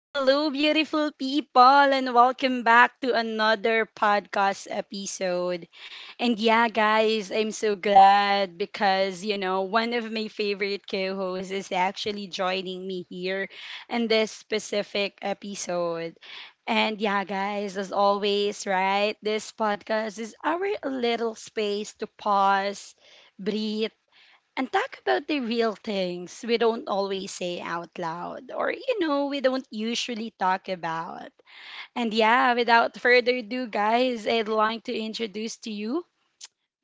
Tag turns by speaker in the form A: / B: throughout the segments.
A: Hello, beautiful people, and welcome back to another podcast episode. I'm so glad because, one of my favorite co hosts is actually joining me here in this specific episode. As always, right, this podcast is our little space to pause, breathe, and talk about the real things we don't always say out loud or we don't usually talk about. And yeah, without further ado, guys, I'd like to introduce to you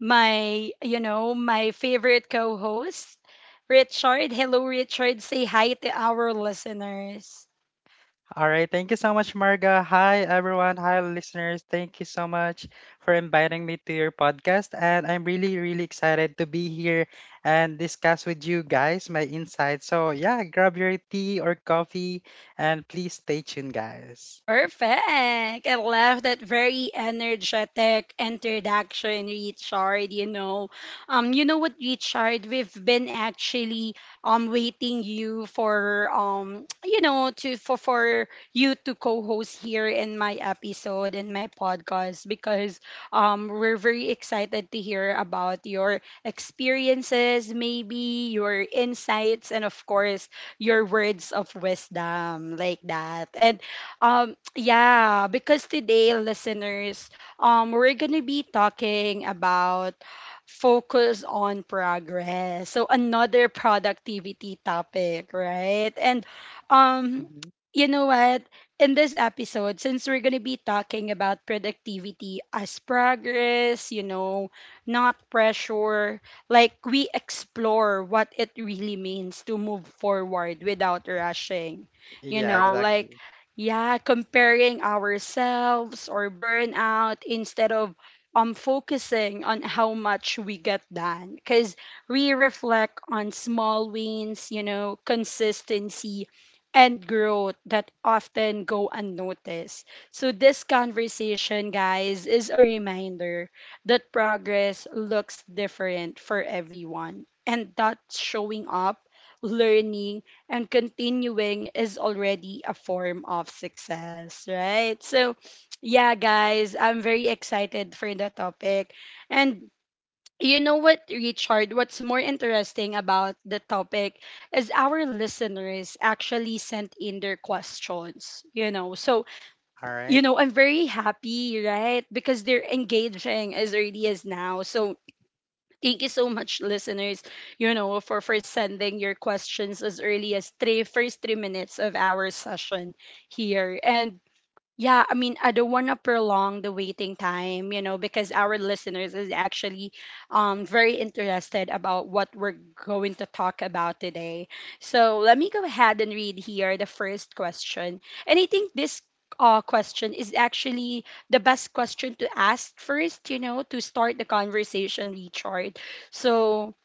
A: my favorite co host, Richard. Hello, Richard. Say hi to our listeners.
B: All right, thank you so much, Marga. Hi, everyone. Hi, listeners. Thank you so much for inviting me to your podcast. And I'm really, really excited to be here and discuss with you guys my insights. So, yeah, grab your tea or coffee and please stay tuned, guys.
A: Perfect. I love that very energetic introduction, Richard. Richard, we've been actually waiting you for you know, to for you to co-host here in my episode in my podcast because we're very excited to hear about your experiences, maybe your insights, and of course your words of wisdom like that. Because today, listeners, we're gonna be talking about focus on progress. So another productivity topic, right? And um,
B: Mhm.
A: you know what? In this episode, since we're gonna be talking about productivity as progress, you know, not pressure, like we explore what it really means to move forward without rushing. You
B: Yeah,
A: know, like
B: exactly.
A: yeah, comparing ourselves or burnout instead of focusing on how much we get done, because we reflect on small wins, you know, consistency and growth that often go unnoticed. So this conversation, guys, is a reminder that progress looks different for everyone, and that showing up, learning, and continuing is already a form of success, right? So, yeah, guys, I'm very excited for the topic. And you know what, Richard, what's more interesting about the topic is our listeners actually sent in their questions, you know. So,
B: All
A: you
B: right.
A: know, I'm very happy, right? Because they're engaging as early as now. So thank you so much, listeners, for sending your questions as early as three, first 3 minutes of our session here. And yeah, I mean, I don't want to prolong the waiting time, you know, because our listeners is actually very interested about what we're going to talk about today. So let me go ahead and read here the first question. And I think this question is actually the best question to ask first, you know, to start the conversation, Richard. So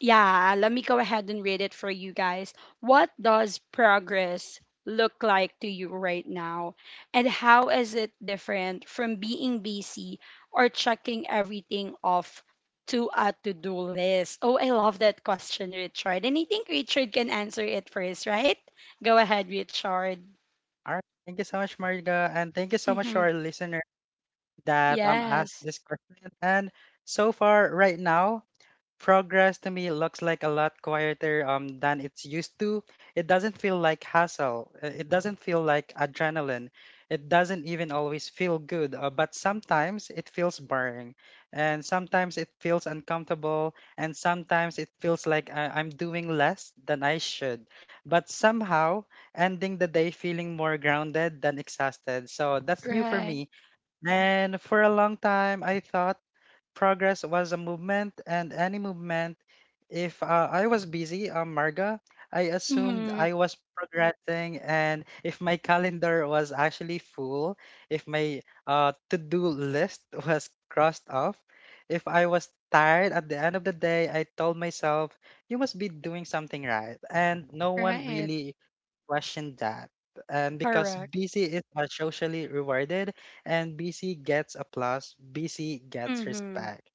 A: yeah, let me go ahead and read it for you guys. What does progress look like to you right now? And how is it different from being busy or checking everything off to a to do list? Oh, I love that question, Richard. And I think Richard can answer it first, right? Go ahead, Richard.
B: All right. Thank you so much, Marga, and thank you so much
A: Mm-hmm.
B: to our listener that asked
A: Yes.
B: this question. And so far, right now, progress to me looks like a lot quieter than it's used to. It doesn't feel like hassle. It doesn't feel like adrenaline. It doesn't even always feel good, but sometimes it feels boring. And sometimes it feels uncomfortable. And sometimes it feels like I'm doing less than I should. But somehow, ending the day feeling more grounded than exhausted. So that's new for
A: Right.
B: me. And for a long time, I thought progress was a movement, and any movement, if I was busy, Marga, I assumed
A: Mm-hmm.
B: I was progressing, and if my calendar was actually full, if my to-do list was crossed off, if I was tired at the end of the day, I told myself, you must be doing something right. And no one
A: Right.
B: really question that. And because
A: Correct.
B: BC is are socially rewarded and BC gets applause, BC gets
A: Mm-hmm.
B: respect.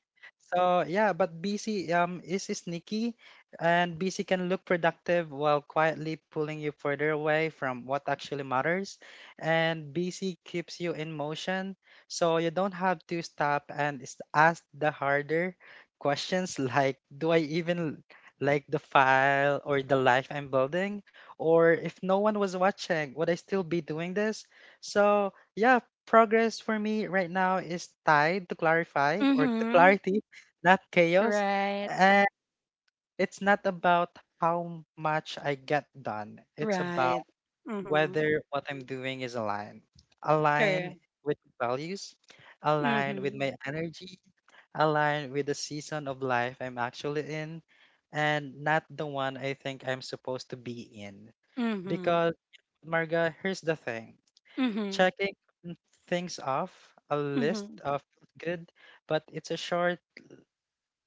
B: So yeah, but BC is sneaky and BC can look productive while quietly pulling you further away from what actually matters. And BC keeps you in motion. So you don't have to stop and ask the harder questions like do I even like the file or the life I'm building? Or if no one was watching, would I still be doing this? So, yeah, progress for me right now is tied to clarify or to
A: Mm-hmm.
B: clarity, not chaos.
A: Right,
B: And it's not about how much I get done, it's about
A: right. Mm-hmm.
B: whether what I'm doing is aligned, aligned
A: Correct.
B: with values, aligned with
A: Mhm.
B: my energy, aligned with the season of life I'm actually in. And not the one I think I'm supposed to be in.
A: Mhm.
B: Because, Marga, here's the thing.
A: Mhm.
B: Checking things off a list
A: Mhm.
B: of good, but it's a short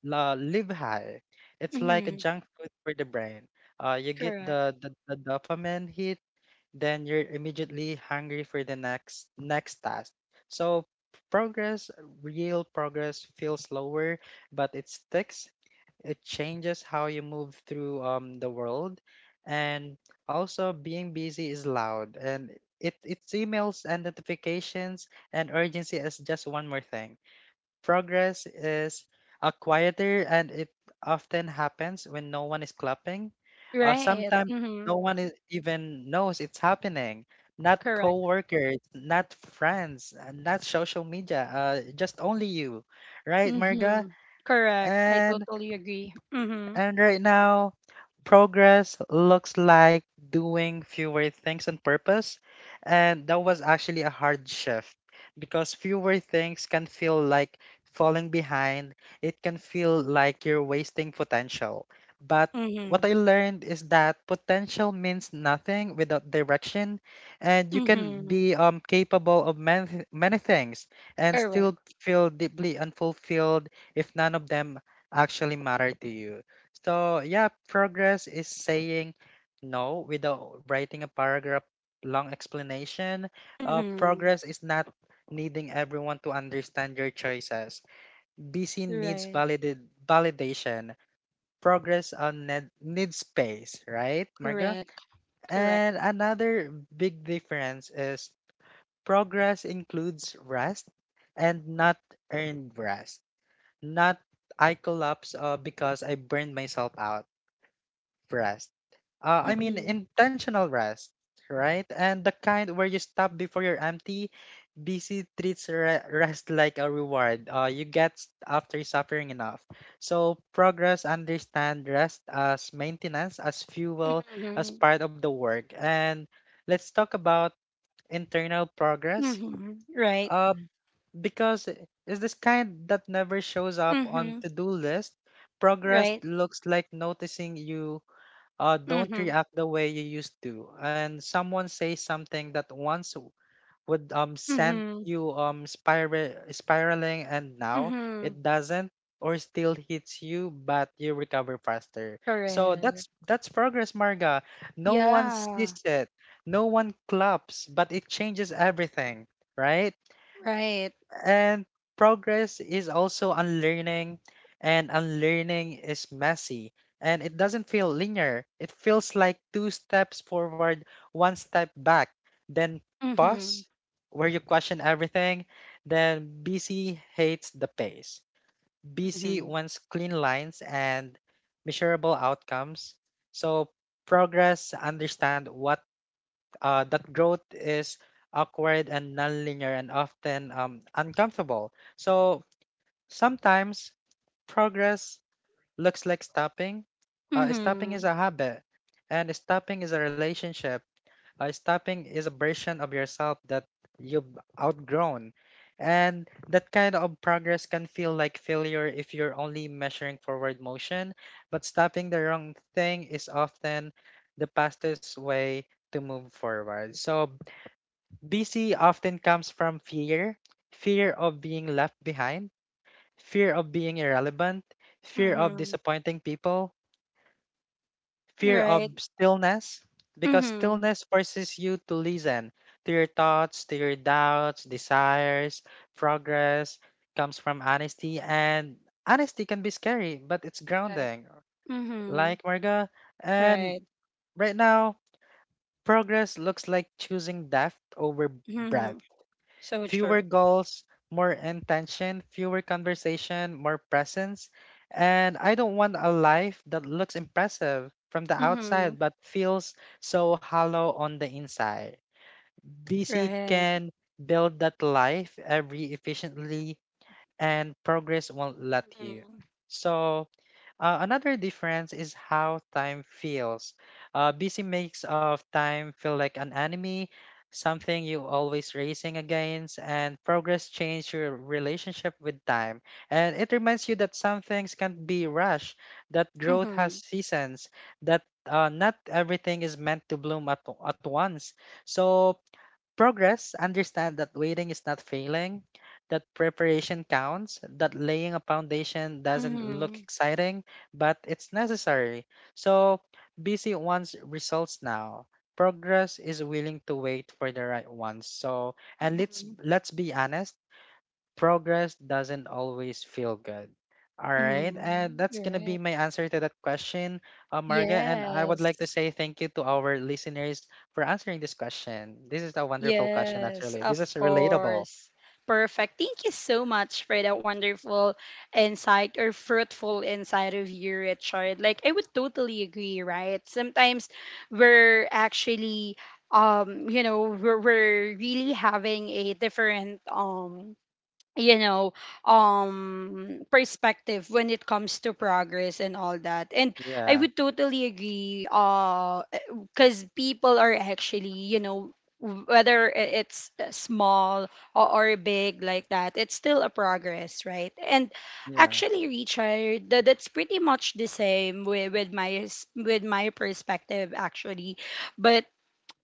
B: la live high. It's like a
A: Mhm.
B: junk food for the brain. You get
A: Correct.
B: the dopamine hit, then you're immediately hungry for the next task. So progress, real progress feels slower, but it sticks. It changes how you move through the world. And also being busy is loud and it's emails and notifications and urgency is just one more thing. Progress is a quieter and it often happens when no one is clapping.
A: Right.
B: Sometimes
A: Mhm.
B: no one is, even knows it's happening. Not
A: Correct.
B: coworkers, not friends, and not social media, just only you, right, Marga?
A: Mhm. Correct. I
B: And
A: totally agree. Mhm.
B: and right now, progress looks like doing fewer things on purpose. And that was actually a hard shift because fewer things can feel like falling behind. It can feel like you're wasting potential. But what
A: Mhm.
B: I learned is that potential means nothing without direction, and you can
A: Mhm.
B: be capable of many, many things and still
A: Correct.
B: feel deeply unfulfilled if none of them actually matter to you. So yeah, progress is saying no without writing a paragraph long explanation.
A: Mhm.
B: Progress is not needing everyone to understand your choices. Busy needs
A: Right.
B: validid validation. Progress on needs space, right, Marga?
A: Correct. Correct.
B: And another big difference is progress includes rest and not earned rest. Not I collapse because I burned myself out rest. I mean,
A: Mhm.
B: intentional rest, right? And the kind where you stop before you're empty. BC treats rest like a reward you get after suffering enough. So, progress understand rest as maintenance, as fuel, as
A: Mhm.
B: part of the work. And let's talk about internal progress.
A: Mhm. Right.
B: Uh, because it's this kind that never shows up on
A: Mhm.
B: to-do list progress
A: Right.
B: looks like noticing you don't
A: Mhm.
B: react the way you used to. And someone says something that once would send
A: Mhm.
B: you spiraling, and now
A: Mhm.
B: it doesn't, or still hits you, but you recover faster. So that's
A: Correct.
B: that's progress, Marga. No one sees
A: Yeah.
B: it, no one claps, but it changes everything, right?
A: Right.
B: And progress is also unlearning, and unlearning is messy. And it doesn't feel linear. It feels like two steps forward, one step back, then pause,
A: Mhm.
B: where you question everything. Then BC hates the pace. BC
A: Mhm.
B: wants clean lines and measurable outcomes. So progress understand what that growth is awkward and nonlinear and often uncomfortable. So sometimes progress looks like stopping. Stopping is
A: Mhm.
B: a habit, and stopping is a relationship. Stopping is a version of yourself that you've outgrown. And that kind of progress can feel like failure if you're only measuring forward motion, but stopping the wrong thing is often the fastest way to move forward. So busy often comes from fear fear of being left behind, fear of being irrelevant, fear of
A: Mhm.
B: disappointing people, fear
A: Right.
B: of stillness, because
A: Mm-hmm.
B: stillness forces you to listen to your thoughts, to your doubts, desires, progress comes from honesty, and honesty can be scary, but it's
A: Correct.
B: grounding,
A: Mm-hmm.
B: like Marga. And
A: Right.
B: right now, progress looks like choosing depth over
A: Mm-hmm.
B: breadth
A: So
B: fewer
A: true.
B: goals, more intention, fewer conversation, more presence. And I don't want a life that looks impressive from the
A: Mm-hmm.
B: outside but feels so hollow on the inside. BC
A: Right.
B: can build that life every efficiently and progress won't let you.
A: Mm-hmm.
B: So, another difference is how time feels. Busy makes of time feel like an enemy, something you always racing against, and progress change your relationship with time. And it reminds you that some things can't be rushed, that growth has
A: Mm-hmm.
B: seasons, that not everything is meant to bloom at once. So progress, understand that waiting is not failing, that preparation counts, that laying a foundation doesn't look
A: Mm-hmm.
B: exciting, but it's necessary. So, busy wants results now. Progress is willing to wait for the right ones. So, and let's
A: Mm-hmm.
B: let's be honest, progress doesn't always feel good. All right, and
A: Mm-hmm.
B: that's gonna
A: Right.
B: be my answer to that question, Marga. And I would
A: Yes.
B: like to say thank you to our listeners for answering this question. This is a wonderful question,
A: Yes,
B: actually.
A: of
B: This is relatable.
A: course. Perfect. Thank you so much for that wonderful insight or fruitful insight of you, Richard. Like I would totally agree, right? Sometimes we're actually we're really having a different you know perspective when it comes to progress and all that. And I
B: Yeah,
A: would totally agree, because people are actually, you know, whether it's small or big, like that, it's still a progress, right? And
B: yeah,
A: actually, Richard, that's pretty much the same with my with my perspective actually. But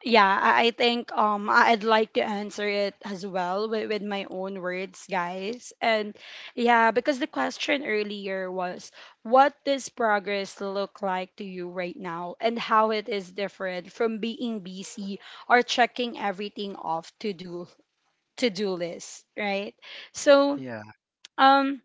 A: yeah, I think I'd like to answer it as well with my own words, guys. And yeah, because the question earlier was, what does progress look like to you right now, and how it is different from being busy or checking everything off to do list, right? So
B: yeah,
A: um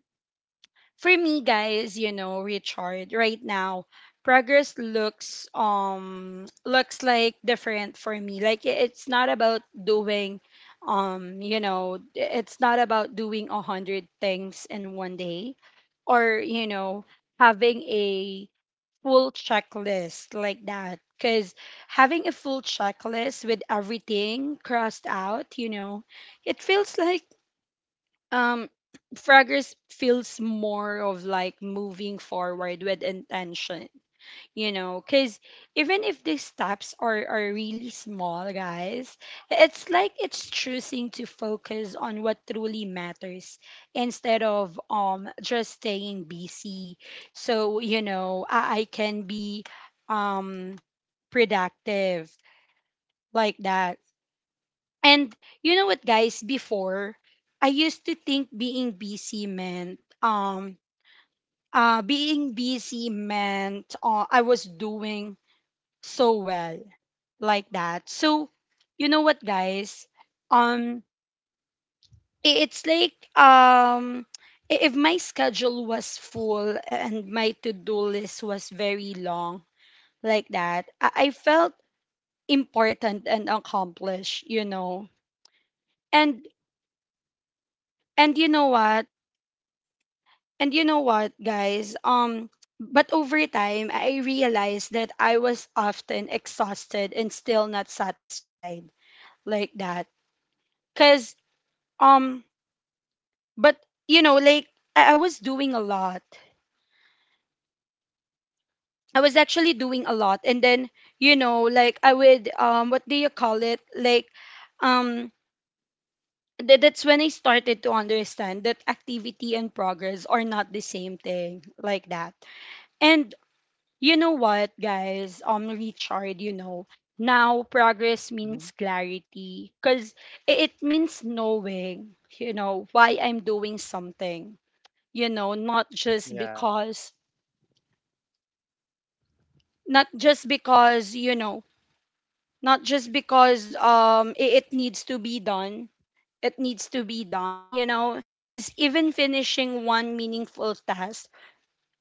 A: for me, guys, you know, Richard, right now progress looks like different for me. Like it's not about doing it's not about doing a hundred things in one day, or, you know, having a full checklist like that, because having a full checklist with everything crossed out, you know, it feels like um progress feels more of like moving forward with intention, you know, because even if these steps are really small, guys, it's like it's choosing to focus on what truly matters instead of just staying busy. So, you know, I can be um productive like that. And you know what, guys? Before, I used to think being busy meant I was doing so well like that. So you know what, guys? Um, it's like if my schedule was full and my to-do list was very long like that, I felt important and accomplished. You know, and and you know what? and you know what, guys? But over time, I realized that I was often exhausted and still not satisfied like that. Cause um, but you know, like I was doing a lot. I was actually doing a lot, and then, you know, like I would what do you call it? Like um, that's when I started to understand that activity and progress are not the same thing like that. And you know what, guys? Richard, you know, now progress
B: mhm,
A: means clarity, because it means knowing, you know, why I'm doing something, you know,
B: yeah,
A: not just because, you know, not just because it needs to be done. It needs to be done, you know, because even finishing one meaningful task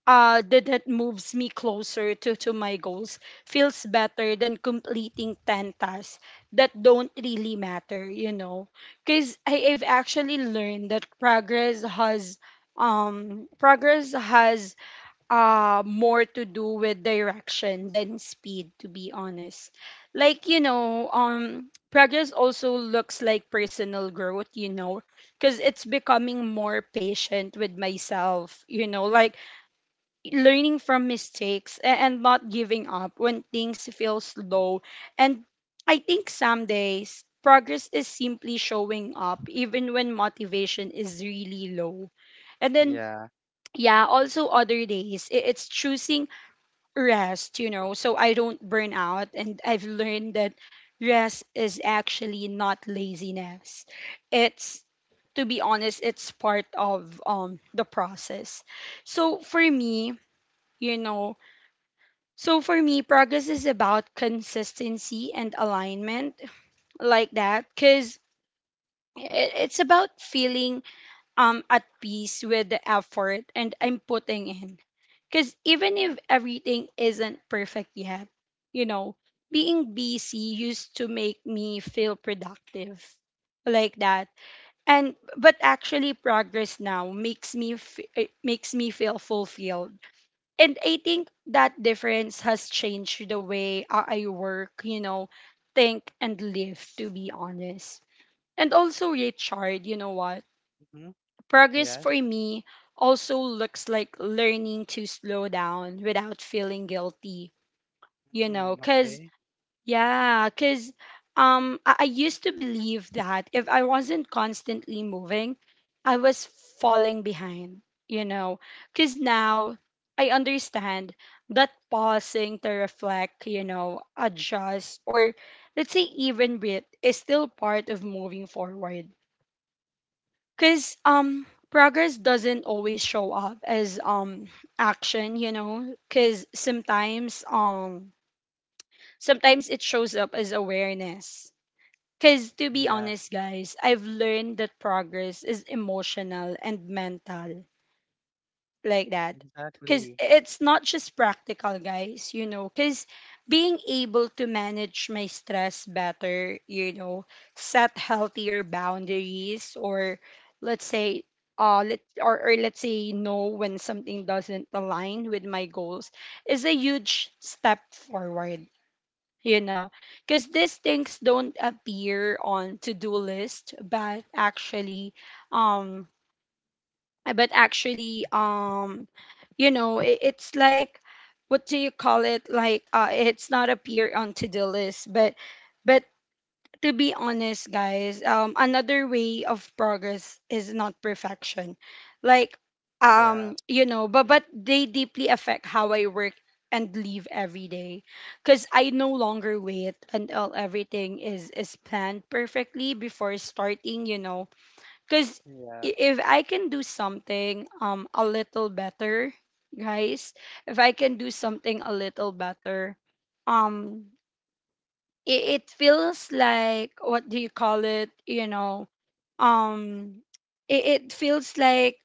A: that moves me closer to my goals feels better than completing 10 tasks that don't really matter, you know. Because I've actually learned that progress has more to do with direction than speed, to be honest. Like, you know, progress also looks like personal growth, you know, because it's becoming more patient with myself, you know, like learning from mistakes and not giving up when things feel slow. And I think some days progress is simply showing up even when motivation is really low. And then
B: yeah,
A: yeah, also other days it's choosing rest, you know, so I don't burn out. And I've learned that rest is actually not laziness. It's, to be honest, it's part of the process. So for me, you know, progress is about consistency and alignment like that, because it's about feeling at peace with the effort and I'm putting in. Because even if everything isn't perfect yet, you know, being busy used to make me feel productive like that. And but actually progress now makes me feel fulfilled, and I think that difference has changed the way I work, you know, think and live, to be honest. And also, Richard, you know what?
B: mhm,
A: Progress for
B: yes,
A: me also looks like learning to slow down without feeling guilty, you know,
B: mm,
A: because
B: okay,
A: yeah, because I used to believe that if I wasn't constantly moving, I was falling behind, you know. Because now I understand that pausing to reflect, you know, adjust, or let's say even breathe is still part of moving forward. Because progress doesn't always show up as action, you know. Because sometimes it shows up as awareness, because to be
B: yeah,
A: honest, guys, I've learned that progress is emotional and mental, like that. Because
B: exactly,
A: it's not just practical, guys, you know. Because being able to manage my stress better, you know, set healthier boundaries, or let's say, or let's say, no when something doesn't align with my goals, is a huge step forward, you know, because these things don't appear on to-do list. But actually um but actually um you know it's like what do you call it, like it's not appear on to-do list, but to be honest, guys, another way of progress is not perfection. Like,
B: yeah,
A: you know, but they deeply affect how I work and live every day. Cause I no longer wait until everything is planned perfectly before starting. You know, cause
B: yeah,
A: if I can do something a little better, guys, if I can do something a little better, um it feels like what do you call it um it feels like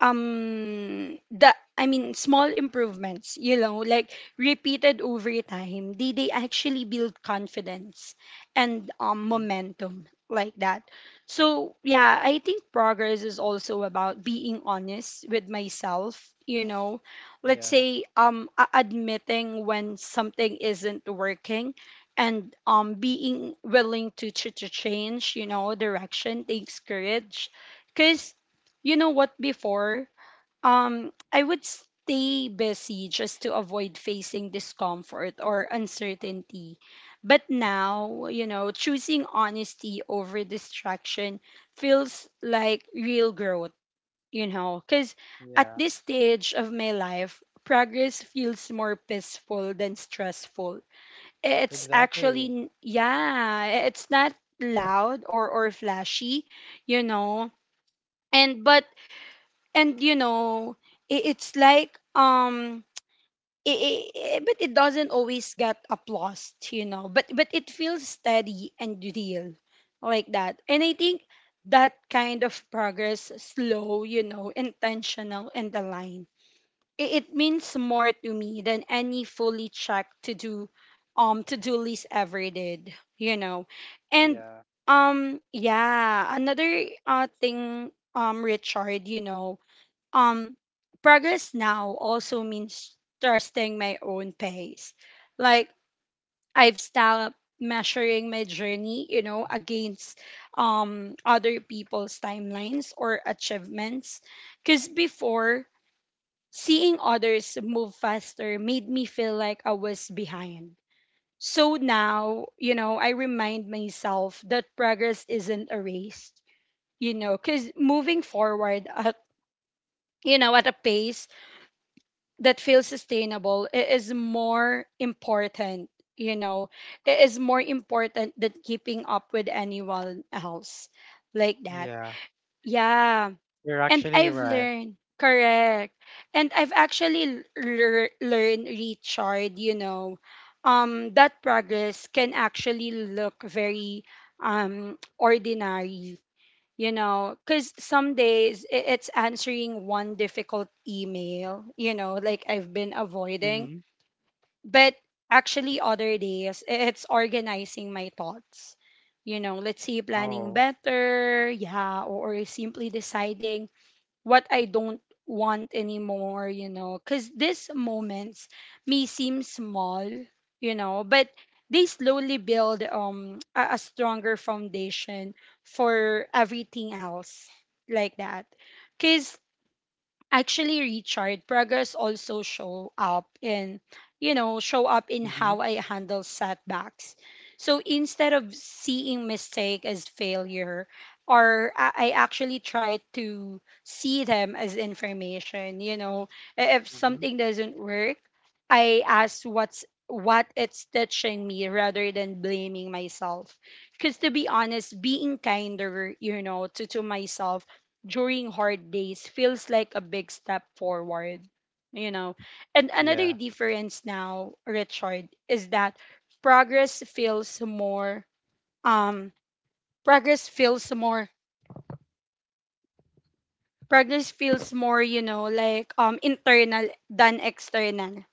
A: the I mean small improvements, you know, like repeated over time, they actually build confidence and
B: mhm,
A: momentum like that. So yeah, I think progress is also about being honest with myself, you know. Let's
B: yeah,
A: say admitting when something isn't working, and being willing to to change, you know. Direction takes courage, because you know what, before I would stay busy just to avoid facing discomfort or uncertainty. But now, you know, choosing honesty over distraction feels like real growth, you know. Because at
B: yeah,
A: this stage of my life, progress feels more peaceful than stressful. It's actually
B: exactly,
A: yeah, it's not loud or flashy, you know. And but and You know, it's like i i but it doesn't always get applause, you know, but it feels steady and real, like that. And I think that kind of progress, slow, you know, intentional and aligned, it means more to me than any fully checked to do list ever did, you know. And
B: yeah,
A: yeah, another thing, Richard, you know, um progress now also means trusting my own pace. Like, I've stopped measuring my journey, you know, against other people's timelines or achievements, because before, seeing others move faster made me feel like I was behind. So now, you know, I remind myself that progress isn't a race, you know, because moving forward at, you know, at a pace that feels sustainable is more important, you know, it is more important than keeping up with anyone else, like that.
B: yeah.
A: Yeah.
B: You're
A: And
B: actually
A: I've
B: right.
A: learned, correct. And I've actually learned, Richard, you know, that progress can actually look very ordinary, you know, because some days it's answering one difficult email, you know, like I've been avoiding.
B: Mm-hmm.
A: But actually, other days it's organizing my thoughts. You know, let's say planning
B: Oh.
A: better, yeah, or simply deciding what I don't want anymore, you know, because these moments may seem small, you know, but they slowly build a stronger foundation for everything else, like that. Because actually, Richard, progress also show up in, you know, show up in
B: Mm-hmm.
A: how I handle setbacks. So instead of seeing mistake as failure, or I actually try to see them as information. You know, if
B: Mm-hmm.
A: something doesn't work, I ask what's what it's teaching me rather than blaming myself. Because to be honest, being kinder, you know, to myself during hard days feels like a big step forward, you know. And another
B: Yeah.
A: difference now, Richard, is that progress feels more um progress feels more progress feels more, you know, like internal than external.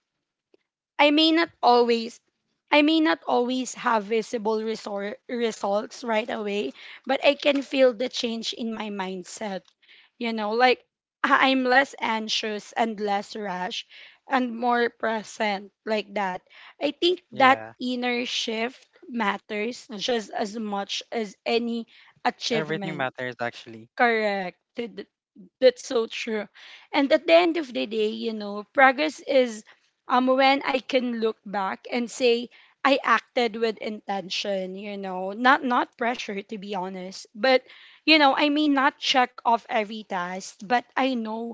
A: I may not always I may not always have visible results right away, but I can feel the change in my mindset. You know, like I'm less anxious and less rash and more present, like that. I think that
B: Yeah.
A: inner shift matters just as much as any
B: Everything
A: achievement.
B: matters actually.
A: Correct. That's so true. And at the end of the day, you know, progress is when I can look back and say I acted with intention, you know, not pressure, to be honest, but you know, I may not check off every task, but I know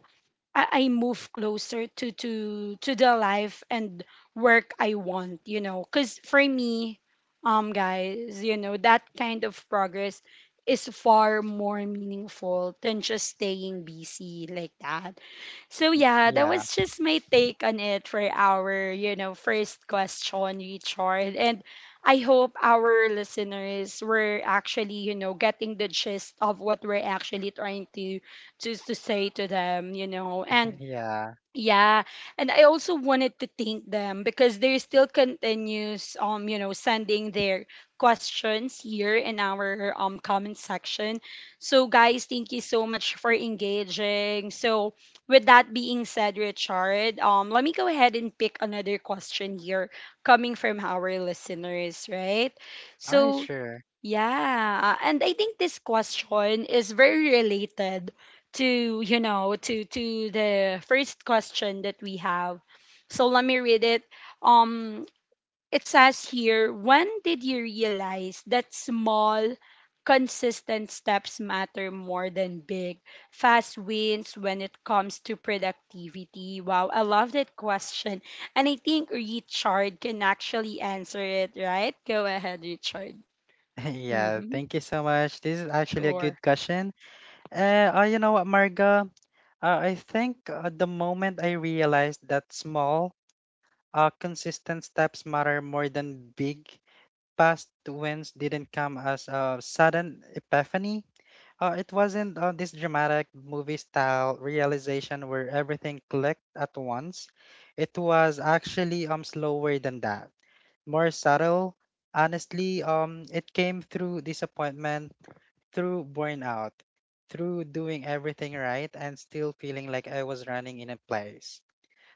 A: I move closer to to the life and work I want, you know. Cause for me, guys, you know, that kind of progress is far more meaningful than just staying busy, like that. So yeah, that
B: Yeah.
A: was just my take on it for our, you know, first question, Richard. And I hope our listeners were actually, you know, getting the gist of what we're actually trying to to say to them, you know. And
B: Yeah.
A: yeah, and I also wanted to thank them, because they still continues you know, sending their questions here in our comment section. So guys, thank you so much for engaging. So with that being said, Richard, let me go ahead and pick another question here coming from our listeners, right?
B: All right,
A: So
B: sure.
A: yeah, and I think this question is very related to, you know, to the first question that we have. So let me read it. Um it says here, when did you realize that small consistent steps matter more than big fast wins when it comes to productivity? Wow, I love that question. And I think Richard can actually answer it, right? Go ahead, Richard.
B: Yeah,
A: Mm-hmm.
B: thank you so much. This is actually a
A: Sure.
B: good question. You know what, Marga? I think the moment I realized that small, consistent steps matter more than big, past wins didn't come as a sudden epiphany. It wasn't this dramatic movie style realization where everything clicked at once. It was actually slower than that, more subtle. Honestly, it came through disappointment, through burnout, through doing everything right and still feeling like I was running in a place.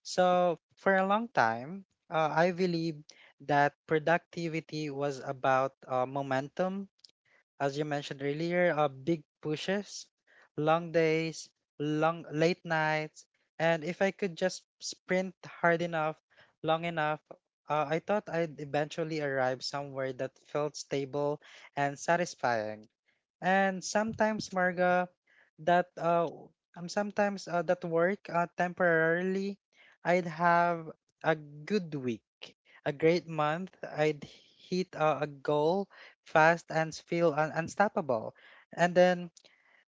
B: So for a long time, I believed that productivity was about momentum as you mentioned earlier, big pushes, long days, long late nights, and if I could just sprint hard enough, long enough, I thought I'd eventually arrive somewhere that felt stable and satisfying. And sometimes, Marga, that uh, that work temporarily, I'd have a good week, a great month. I'd hit a goal fast and feel unstoppable. And then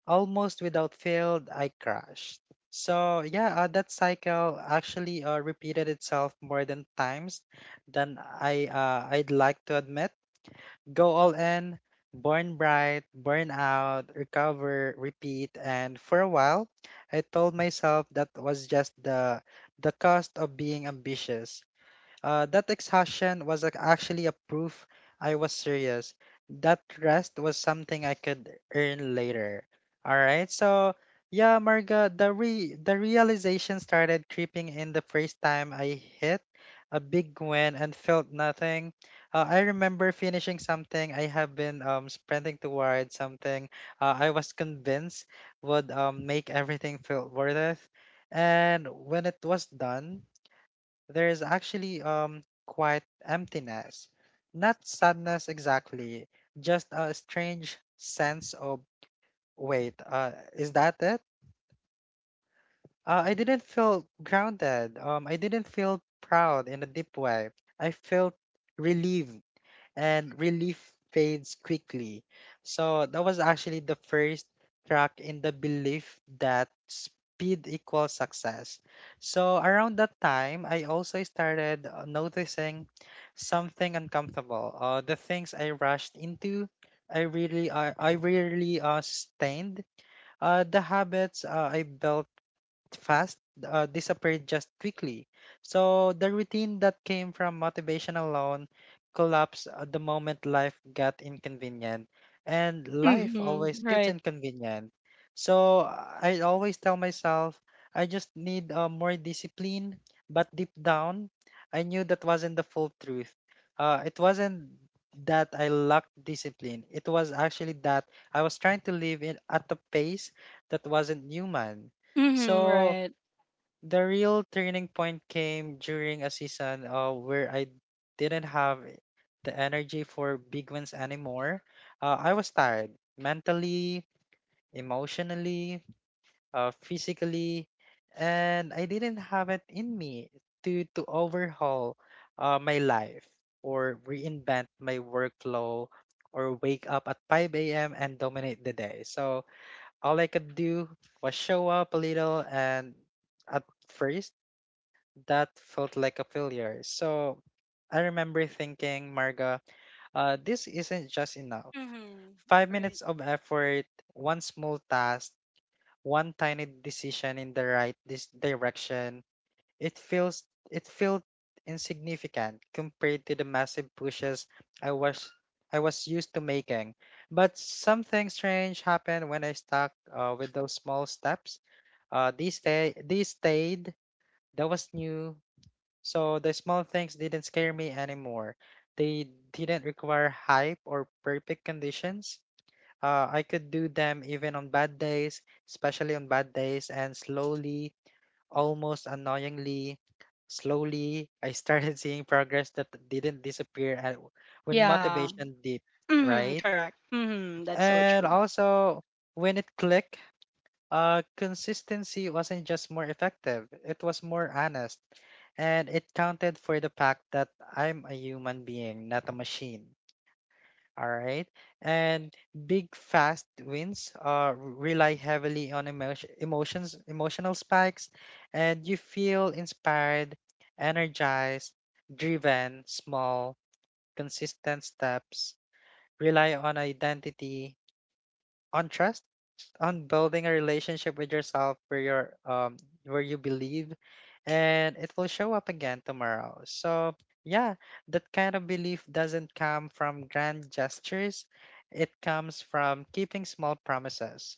B: almost without fail, I crashed. So yeah, that cycle actually repeated itself more than times than I I'd like to admit. Go all in, burn bright, burn out, recover, repeat. And for a while, I told myself that was just the cost of being ambitious. That exhaustion was actually a proof I was serious. That rest was something I could earn later. All right. So, yeah, Marga, the realization started creeping in the first time I hit a big win and felt nothing. I remember finishing something I have been sprinting towards something I was convinced would make everything feel worth it. And when it was done, there is actually quite emptiness. Not sadness exactly, just a strange sense of wait, is that it? I didn't feel grounded. I didn't feel proud in a deep way. I felt relieved and relief fades quickly. So that was actually the first track in the belief that speed equals success. So around that time, I also started noticing something uncomfortable. The things I rushed into, I really sustained. The habits I built fast disappeared just quickly. So the routine that came from motivation alone collapsed the moment life got inconvenient, and life always
A: Mhm.
B: gets
A: Right.
B: inconvenient. So I always tell myself I just need more discipline, but deep down, I knew that wasn't the full truth. It wasn't that I lacked discipline. It was actually that I was trying to live in at a pace that wasn't human.
A: Mhm.
B: So
A: Right.
B: the real turning point came during a season where I didn't have the energy for big wins anymore. I was tired mentally, emotionally, physically, and I didn't have it in me to overhaul my life or reinvent my workflow or wake up at 5 a.m. and dominate the day. So all I could do was show up a little, and at first that felt like a failure. So I remember thinking, Marga, this isn't just enough.
A: Mhm.
B: Five
A: Right.
B: minutes of effort, one small task, one tiny decision in the right this direction. It feels it felt insignificant compared to the massive pushes I was I was used to making. But something strange happened when I stuck with those small steps. They stayed. That was new. So the small things didn't scare me anymore. They didn't require hype or perfect conditions. I could do them even on bad days, especially on bad days, and slowly, almost annoyingly, slowly, I started seeing progress that didn't disappear when
A: Yeah.
B: motivation dipped,
A: Mhm.
B: right?
A: Correct. Mhm. That's so
B: And
A: true.
B: also, when it clicked, consistency wasn't just more effective, it was more honest, and it counted for the fact that I'm a human being, not a machine. All right. And big fast wins rely heavily on emotions, emotional spikes, and you feel inspired, energized, driven, small, consistent steps, rely on identity, on trust, on building a relationship with yourself where you're where you believe, and it will show up again tomorrow. So yeah, that kind of belief doesn't come from grand gestures. It comes from keeping small promises.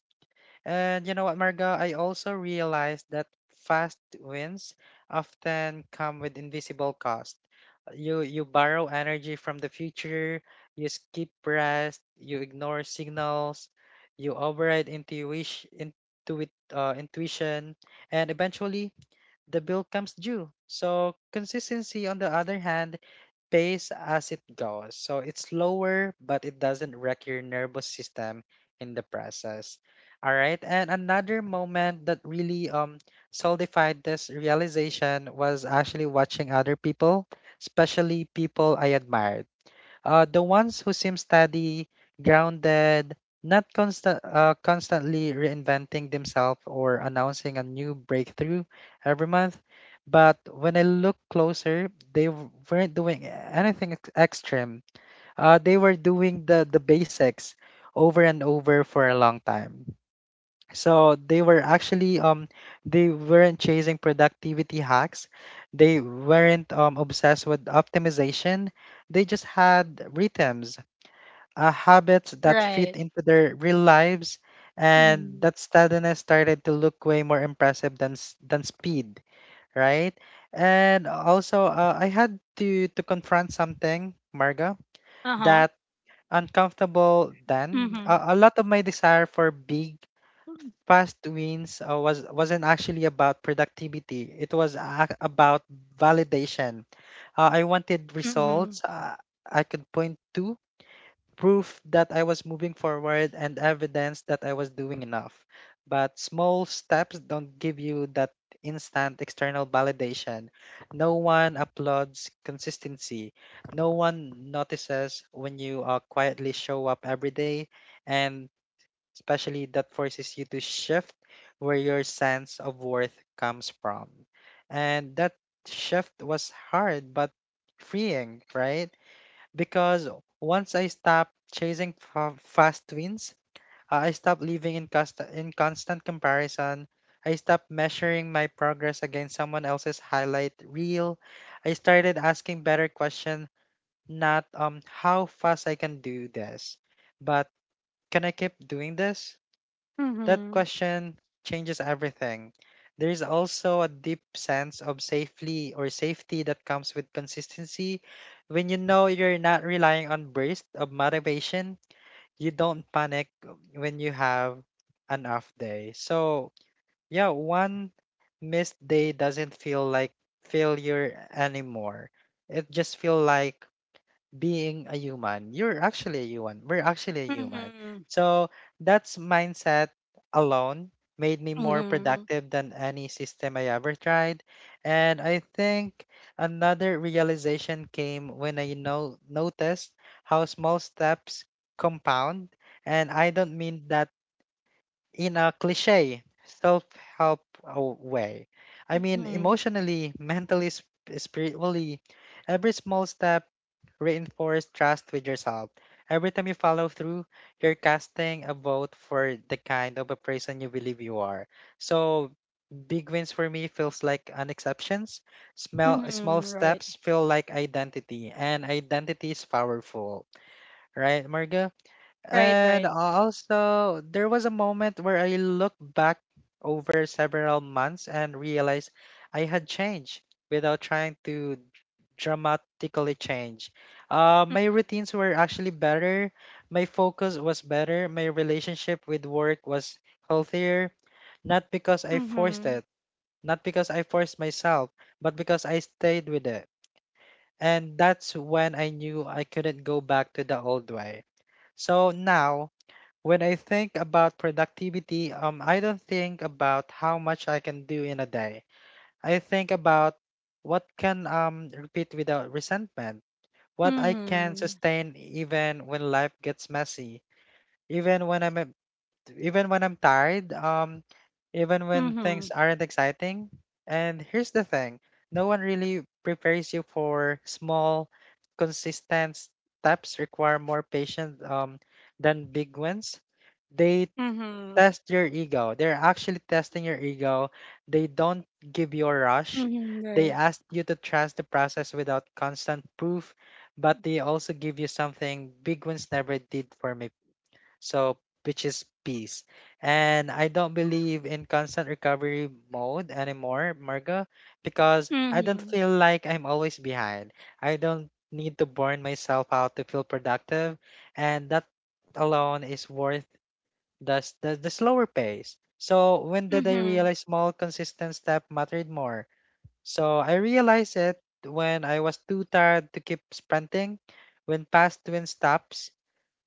B: And you know what, Marga? I also realized that fast wins often come with invisible cost. You borrow energy from the future, you skip rest, you ignore signals, you override intuition, intuition, and eventually the bill comes due. So consistency, on the other hand, pace as it goes. So it's slower, but it doesn't wreck your nervous system in the process. All right. And another moment that really solidified this realization was actually watching other people, especially people I admired. The ones who seem steady, grounded, not constantly reinventing themselves or announcing a new breakthrough every month. But when I look closer, they weren't doing anything extreme. They were doing the basics over and over for a long time. So they were actually they weren't chasing productivity hacks. They weren't obsessed with optimization. They just had rhythms, habits that fit
A: Right.
B: into their real lives, and
A: Mhm.
B: that steadiness started to look way more impressive than than speed, right? And also, I had to confront something, Marga,
A: Uh huh.
B: that uncomfortable then.
A: Mhm.
B: A lot of my desire for big past wins wasn't actually about productivity. It was about validation. I wanted
A: Mhm.
B: results I could point to, proof that I was moving forward, and evidence that I was doing enough. But small steps don't give you that instant external validation. No one applauds consistency. No one notices when you quietly show up every day, and especially that forces you to shift where your sense of worth comes from. And that shift was hard but freeing, right? Because once I stopped chasing fast wins, I stopped living in constant comparison. I stopped measuring my progress against someone else's highlight reel. I started asking better question, not how fast I can do this, but can I keep doing this? That
A: Mhm.
B: question changes everything. There is also a deep sense of safely or safety that comes with consistency. When you know you're not relying on bursts of motivation, you don't panic when you have an off day. So, yeah, one missed day doesn't feel like failure anymore. It just feels like being a human. You're actually a human. We're actually a human.
A: Mhm.
B: So that's mindset alone made me more
A: Mhm.
B: productive than any system I ever tried. And I think another realization came when I know noticed how small steps compound. And I don't mean that in a cliche self-help way. I mean,
A: Mhm.
B: emotionally, mentally, spiritually, every small step reinforce trust with yourself. Every time you follow through, you're casting a vote for the kind of a person you believe you are. So big wins for me feels like an exceptions.
A: Mhm.
B: Small
A: Right.
B: steps feel like identity, and identity is powerful, right, Margo?
A: Right.
B: And
A: Right.
B: also, there was a moment where I looked back over several months and realized I had changed without trying to dramatically change. Uh,
A: Mhm.
B: my routines were actually better, my focus was better, my relationship with work was healthier, not because I
A: Mhm.
B: forced it, not because I forced myself, but because I stayed with it. And that's when I knew I couldn't go back to the old way. So now, when I think about productivity, I don't think about how much I can do in a day. I think about what can repeat without resentment, what I can
A: Mhm.
B: sustain even when life gets messy, even when even when I'm tired, even when
A: Mhm.
B: things aren't exciting. And here's the thing, no one really prepares you for small, consistent steps require more patience than big ones, they
A: Mhm.
B: test your ego. They're actually testing your ego. They don't give you a rush.
A: Mhm. Right.
B: They ask you to trust the process without constant proof, but they also give you something big ones never did for me. So, which is peace. And I don't believe in constant recovery mode anymore, Marga, because I don't
A: Mhm.
B: feel like I'm always behind. I don't need to burn myself out to feel productive, and that alone is worth that's the slower pace. So when did I
A: Mhm.
B: realize small consistent step mattered more? So I realized it when I was too tired to keep sprinting, when past twin stops,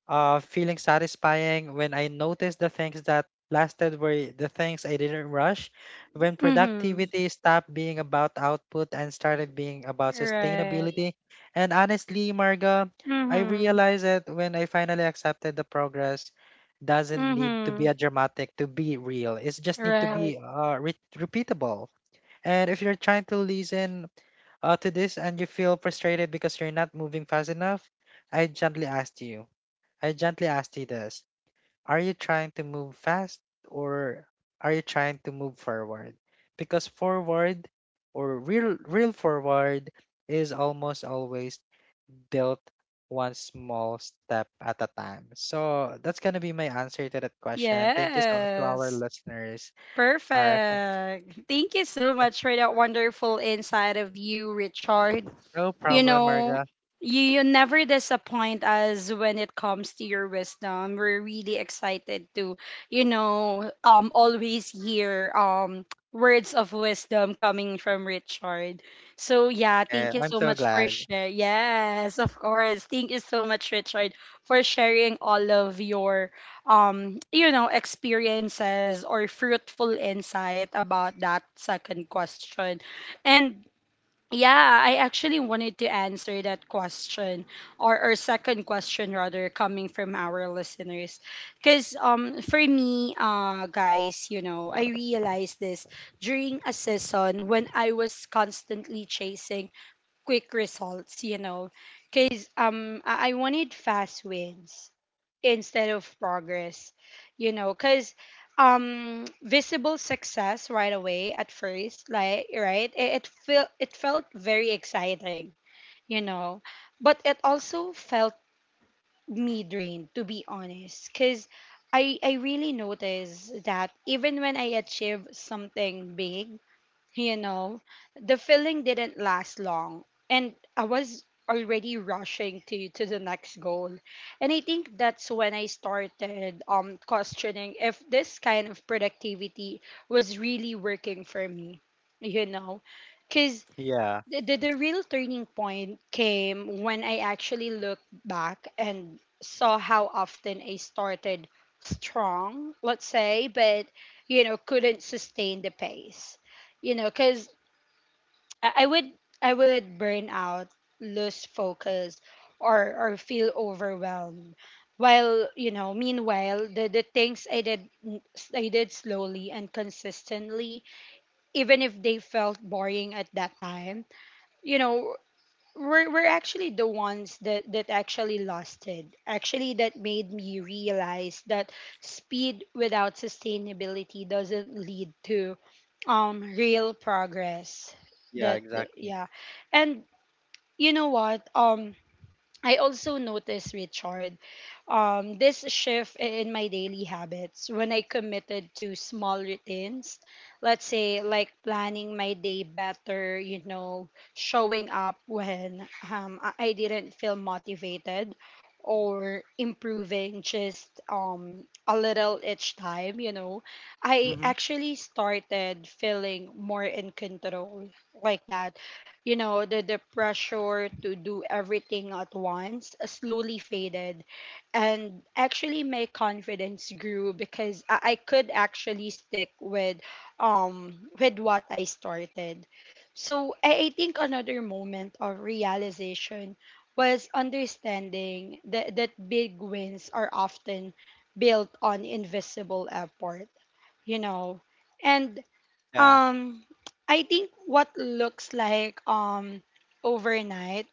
B: feeling satisfying when I noticed the things that lasted were the things I didn't rush, when
A: Mhm.
B: productivity stopped being about output and started being about
A: Right.
B: sustainability. And honestly, Marga, I
A: Mhm.
B: realized that when I finally accepted the progress doesn't need to be
A: Mhm.
B: a dramatic to be real. It just need to
A: Right.
B: be repeatable. And if you're trying to listen to this and you feel frustrated because you're not moving fast enough, I gently ask you I gently asked you this. Are you trying to move fast, or are you trying to move forward? Because forward or real forward is almost always built one small step at a time. So that's going to be my answer to that question. And thank you so to our
A: Yes.
B: listeners. All right.
A: Perfect. Thank you so much for that wonderful insight of you, Richard.
B: No
A: You
B: problem,
A: know,
B: Marga.
A: you never disappoint us when it comes to your wisdom. We're really excited to, you know, always hear words of wisdom coming from Richard. So yeah,
B: Eh,
A: thank you
B: I'm
A: so
B: so
A: much for
B: glad.
A: sharing. Yes, of course. Thank you so much, Richard, for sharing all of your you know, experiences or fruitful insight about that second question. And yeah, I actually wanted to answer that question or second question rather, coming from our listeners. Cuz for me, guys, you know, I realized this during a season when I was constantly chasing quick results, you know, because I wanted fast wins instead of progress, you know, because visible success right away at first, like right, it felt it felt very exciting, you know, but it also felt me drained, to be honest, because I really noticed that even when I achieve something big, you know, the feeling didn't last long, and I was already rushing to the next goal. And I think that's when I started questioning if this kind of productivity was really working for me, you know. Cuz
B: Yeah.
A: the real turning point came when I actually looked back and saw how often I started strong, let's say, but you know, couldn't sustain the pace. You know, because I I would I would burn out, lose focus, or feel overwhelmed. While, you know, meanwhile, the things I did slowly and consistently, even if they felt boring at that time, you know, we're actually the ones that actually lasted. Actually, that made me realize that speed without sustainability doesn't lead to real progress.
B: Yeah,
A: That, that
B: exactly.
A: yeah, and you know what, I also noticed, Richard, this shift in my daily habits when I committed to small routines. Let's say, like planning my day better, you know, showing up when I didn't feel motivated, or improving just a little each time, you know. I
B: Mm-hmm.
A: actually started feeling more in control, like that. You know, the pressure to do everything at once slowly faded. And actually, my confidence grew because I could actually stick with what I started. So I think another moment of realization was understanding that, big wins are often built on invisible effort, you know. And
B: Yeah.
A: um, I think what looks like overnight,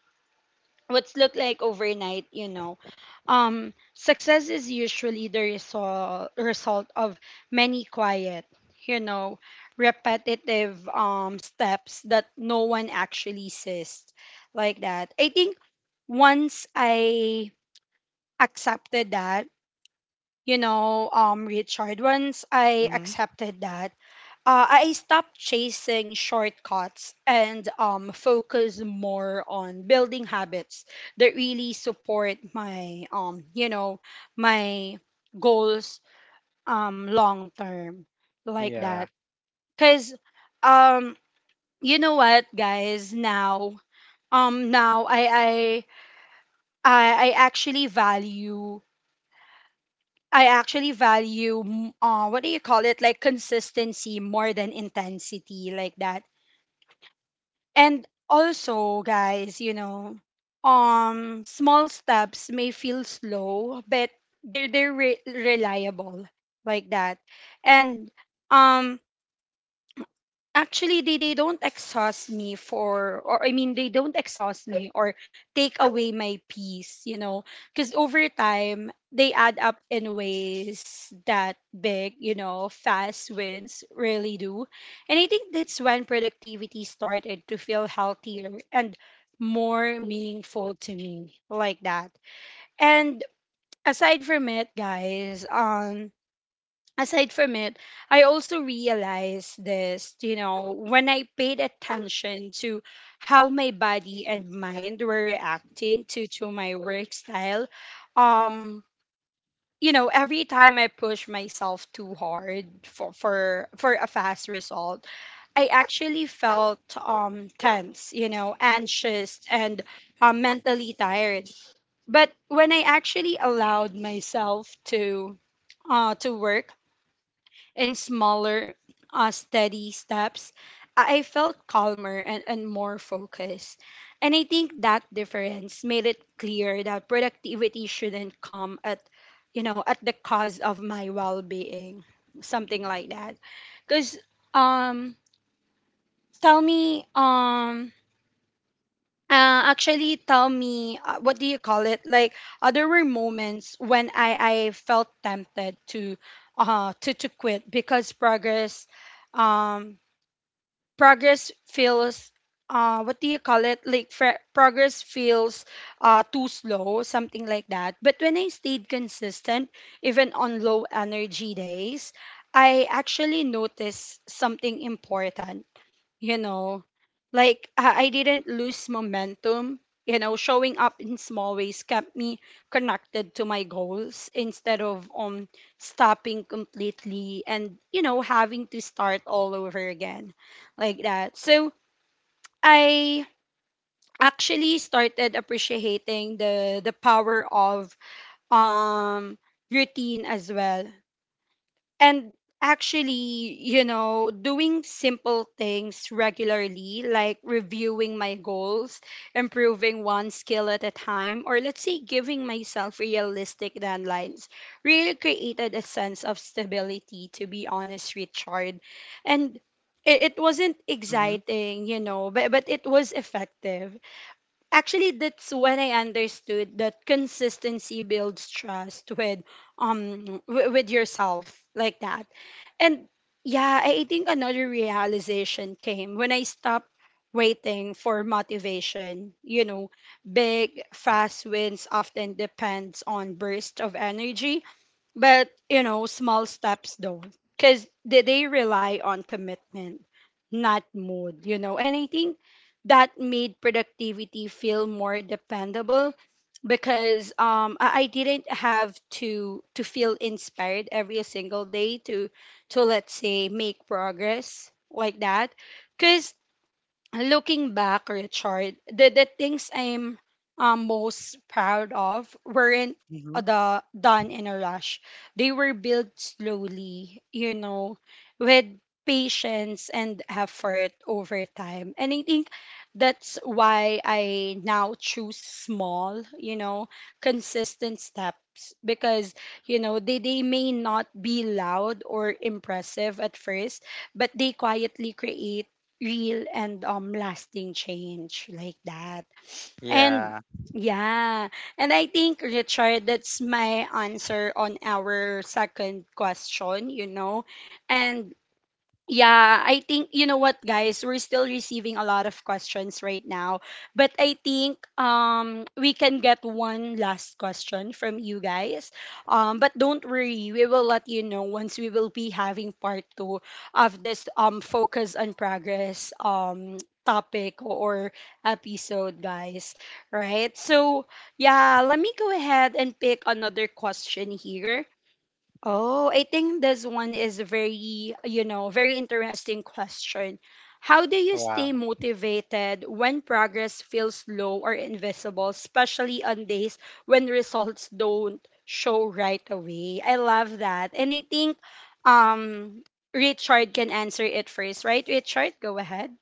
A: what's looked like overnight, you know, success is usually the result of many quiet, you know, repetitive steps that no one actually sees, like that. I think once I accepted that, you know, Richard, once I
B: Mm-hmm.
A: accepted that, I stopped chasing shortcuts and focus more on building habits that really support my, you know, my goals long term, like that.
B: Yeah.
A: Cause, um, you know what, guys, now, um, now I I I actually value, what do you call it? Like consistency more than intensity, like that. And also, guys, you know, small steps may feel slow, but reliable, like that. And um, actually they don't exhaust me for or I mean they don't exhaust me or take away my peace, you know, because over time they add up in ways that big, you know, fast wins really do. And I think that's when productivity started to feel healthier and more meaningful to me, like that. And aside from it, guys, aside from it, I also realized this, you know, when I paid attention to how my body and mind were reacting to my work style, um, you know, every time I push myself too hard for a fast result, I actually felt tense, you know, anxious and mentally tired. But when I actually allowed myself to work in smaller, steady steps, I felt calmer and more focused. And I think that difference made it clear that productivity shouldn't come at, you know, at the cost of my well-being, something like that. Because, um, tell me, um, actually tell me, what do you call it, like, there were moments when I felt tempted to quit because progress um feels what do you call it like fr- progress feels too slow, something like that. But when I stayed consistent, even on low energy days, I actually noticed something important, you know, like I didn't lose momentum. You know, showing up in small ways kept me connected to my goals instead of stopping completely, and you know, having to start all over again, like that. So I actually started appreciating the power of um routine as well. And actually, you know, doing simple things regularly, like reviewing my goals, improving one skill at a time, or let's say giving myself realistic deadlines, really created a sense of stability, to be honest, Richard. And it wasn't
B: Mm-hmm.
A: exciting, you know, but it was effective. Actually, that's when I understood that consistency builds trust with with yourself, like that. And yeah, I think another realization came when I stopped waiting for motivation, you know. Big fast wins often depends on bursts of energy, but, you know, small steps don't. Because they rely on commitment, not mood, you know. And I think that made productivity feel more dependable because I didn't have to feel inspired every single day to let's say make progress, like that. Because looking back, Richard, the things I'm most proud of weren't
B: Mm-hmm.
A: done in a rush. They were built slowly, you know, with patience and effort over time. And I think that's why I now choose small, you know, consistent steps because, you know, they may not be loud or impressive at first, but they quietly create real and lasting change, like that. And
B: Yeah.
A: yeah, and I think Richard, that's my answer on our second question, you know. And yeah, I think you know what guys, we're still receiving a lot of questions right now, but I think we can get one last question from you guys. But don't worry, we will let you know once we will be having part 2 of this focus on progress topic or episode guys, right? So, yeah, let me go ahead and pick another question here. Oh, I think this one is very, you know, very interesting question. How do you stay
B: Wow.
A: motivated when progress feels slow or invisible, especially on days when results don't show right away? I love that. And I think um Richard can answer it first, right? Richard, go ahead.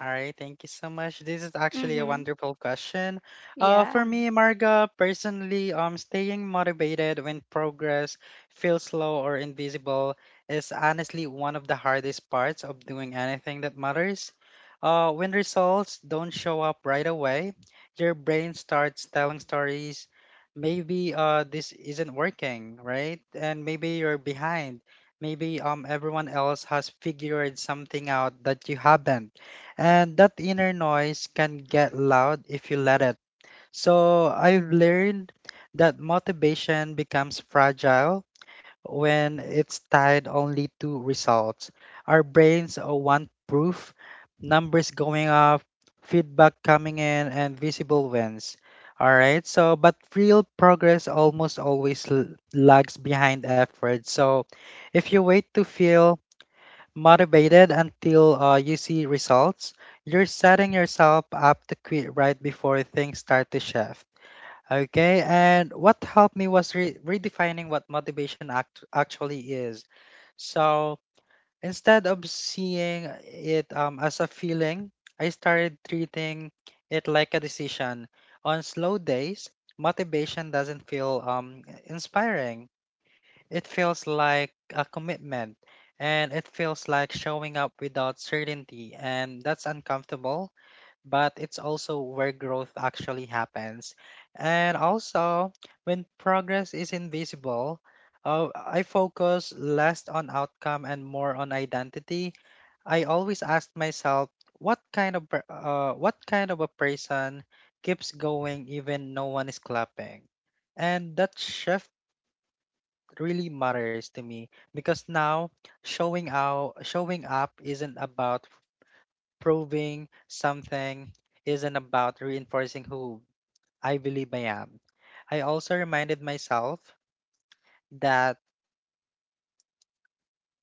B: All right, thank you so much. This is actually a
A: Mhm.
B: wonderful question. For
A: Yeah.
B: me, Marga, personally, staying motivated when progress feels slow or invisible is honestly one of the hardest parts of doing anything that matters. When results don't show up right away, your brain starts telling stories. Maybe this isn't working, right? And maybe you're behind. Maybe everyone else has figured something out that you haven't, and that inner noise can get loud if you let it. So I've learned that motivation becomes fragile when it's tied only to results. Our brains want proof, numbers going up, feedback coming in, and visible wins. All right. So, but real progress almost always lags behind effort. So, if you wait to feel motivated until you see results, you're setting yourself up to quit right before things start to shift. Okay, and what helped me was redefining what motivation actually is. So instead of seeing it as a feeling, I started treating it like a decision. On slow days, motivation doesn't feel inspiring, it feels like a commitment, and it feels like showing up without certainty, and that's uncomfortable, but it's also where growth actually happens. And also, when progress is invisible, I focus less on outcome and more on identity. I always ask myself, what kind of what kind of a person keeps going even no one is clapping? And that shift really matters to me because now showing up isn't about proving something, isn't about reinforcing who I believe I am. i also reminded myself that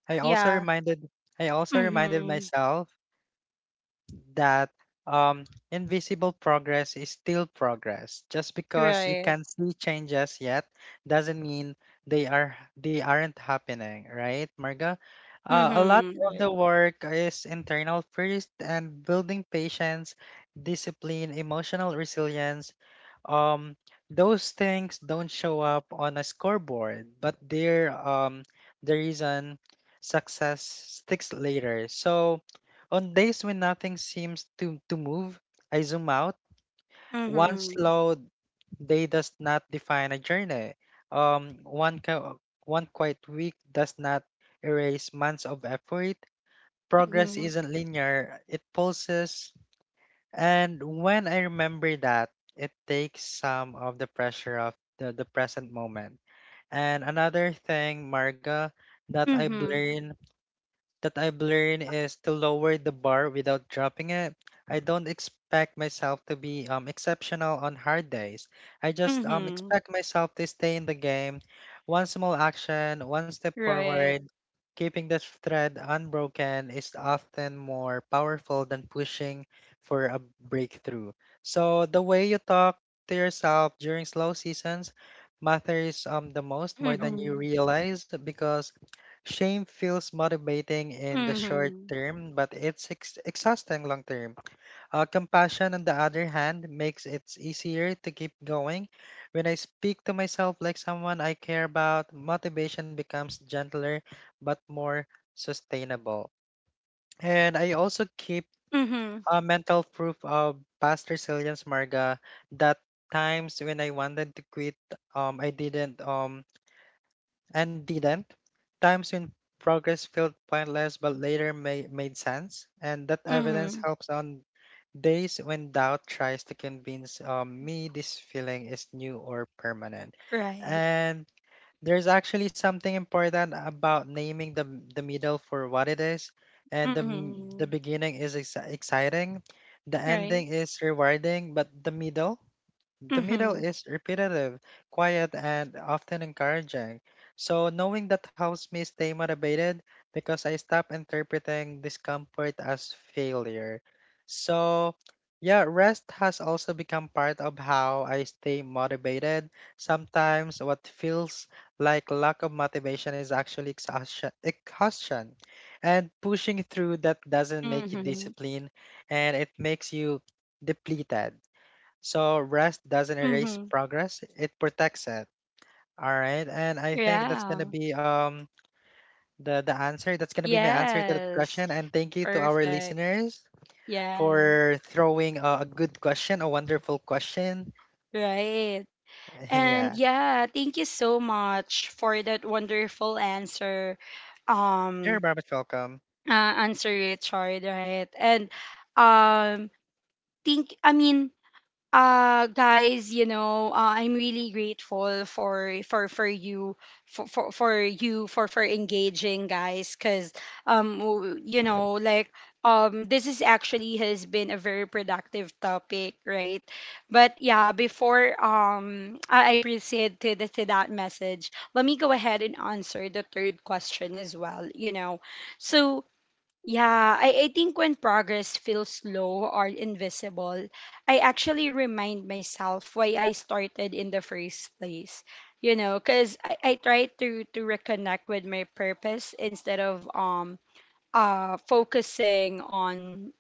B: i also
A: Yeah.
B: reminded I also reminded
A: Mhm.
B: myself that um, invisible progress is still progress. Just because you
A: Right.
B: can't see changes yet doesn't mean they aren't happening, right, Marga? A lot
A: Mhm.
B: of the
A: Right.
B: work is internal first and building patience, discipline, emotional resilience. Um, those things don't show up on a scoreboard, but they're the reason success sticks later. So on days when nothing seems to move, I zoom out. One
A: Mhm.
B: slow day does not define a journey. One quiet week does not erase months of effort. Progress
A: Mhm.
B: isn't linear, it pulses. And when I remember that, it takes some of the pressure of the present moment. And another thing, Marga, that I've
A: Mhm.
B: learned that I've learned is to lower the bar without dropping it. I don't expect myself to be exceptional on hard days. I just
A: Mhm.
B: expect myself to stay in the game, one small action, one step
A: Right.
B: forward. Keeping the thread unbroken is often more powerful than pushing for a breakthrough. So the way you talk to yourself during slow seasons matters the most
A: Oh,
B: more than you
A: mhm.
B: realize because shame feels motivating in the short
A: Mhm.
B: term, but it's exhausting long term. Compassion, on the other hand, makes it easier to keep going. When I speak to myself like someone I care about, motivation becomes gentler but more sustainable. And I also keep
A: Mhm.
B: a mental proof of past resilience, Marga, that times when I wanted to quit, I didn't, and didn't, times when progress felt pointless but later made sense, and that evidence
A: Mhm.
B: helps on days when doubt tries to convince me this feeling is new or permanent.
A: Right.
B: And there's actually something important about naming the middle for what it is, and the
A: Mhm.
B: beginning is exciting, the
A: Right.
B: ending is rewarding, but the middle. The middle
A: Mhm.
B: is repetitive, quiet, and often encouraging. So, knowing that helps me stay motivated because I stop interpreting discomfort as failure. So, yeah, rest has also become part of how I stay motivated. Sometimes, what feels like lack of motivation is actually exhaustion. And pushing through that doesn't make you
A: Mhm.
B: disciplined and it makes you depleted. So rest doesn't erase
A: Mhm.
B: progress, it protects it. All right. And I think that's gonna
A: Yeah.
B: be the answer. That's gonna be my answer to the
A: Yes.
B: question. And thank you to our
A: Perfect.
B: listeners
A: Yeah.
B: for throwing a good question, a wonderful question.
A: Right. And
B: Yeah.
A: yeah, thank you so much for that wonderful answer.
B: You're
A: Um
B: very much welcome.
A: answer Richard, right? And um think I mean guys, you know, I'm really grateful for you for you for engaging guys because you know, like this is actually has been a very productive topic, right? But yeah, before I proceed to, the, to that message, let me go ahead and answer the third question as well, you know. So yeah, I think when progress feels slow or invisible, I actually remind myself why I started in the first place. You know, because I try to reconnect with my purpose instead of focusing on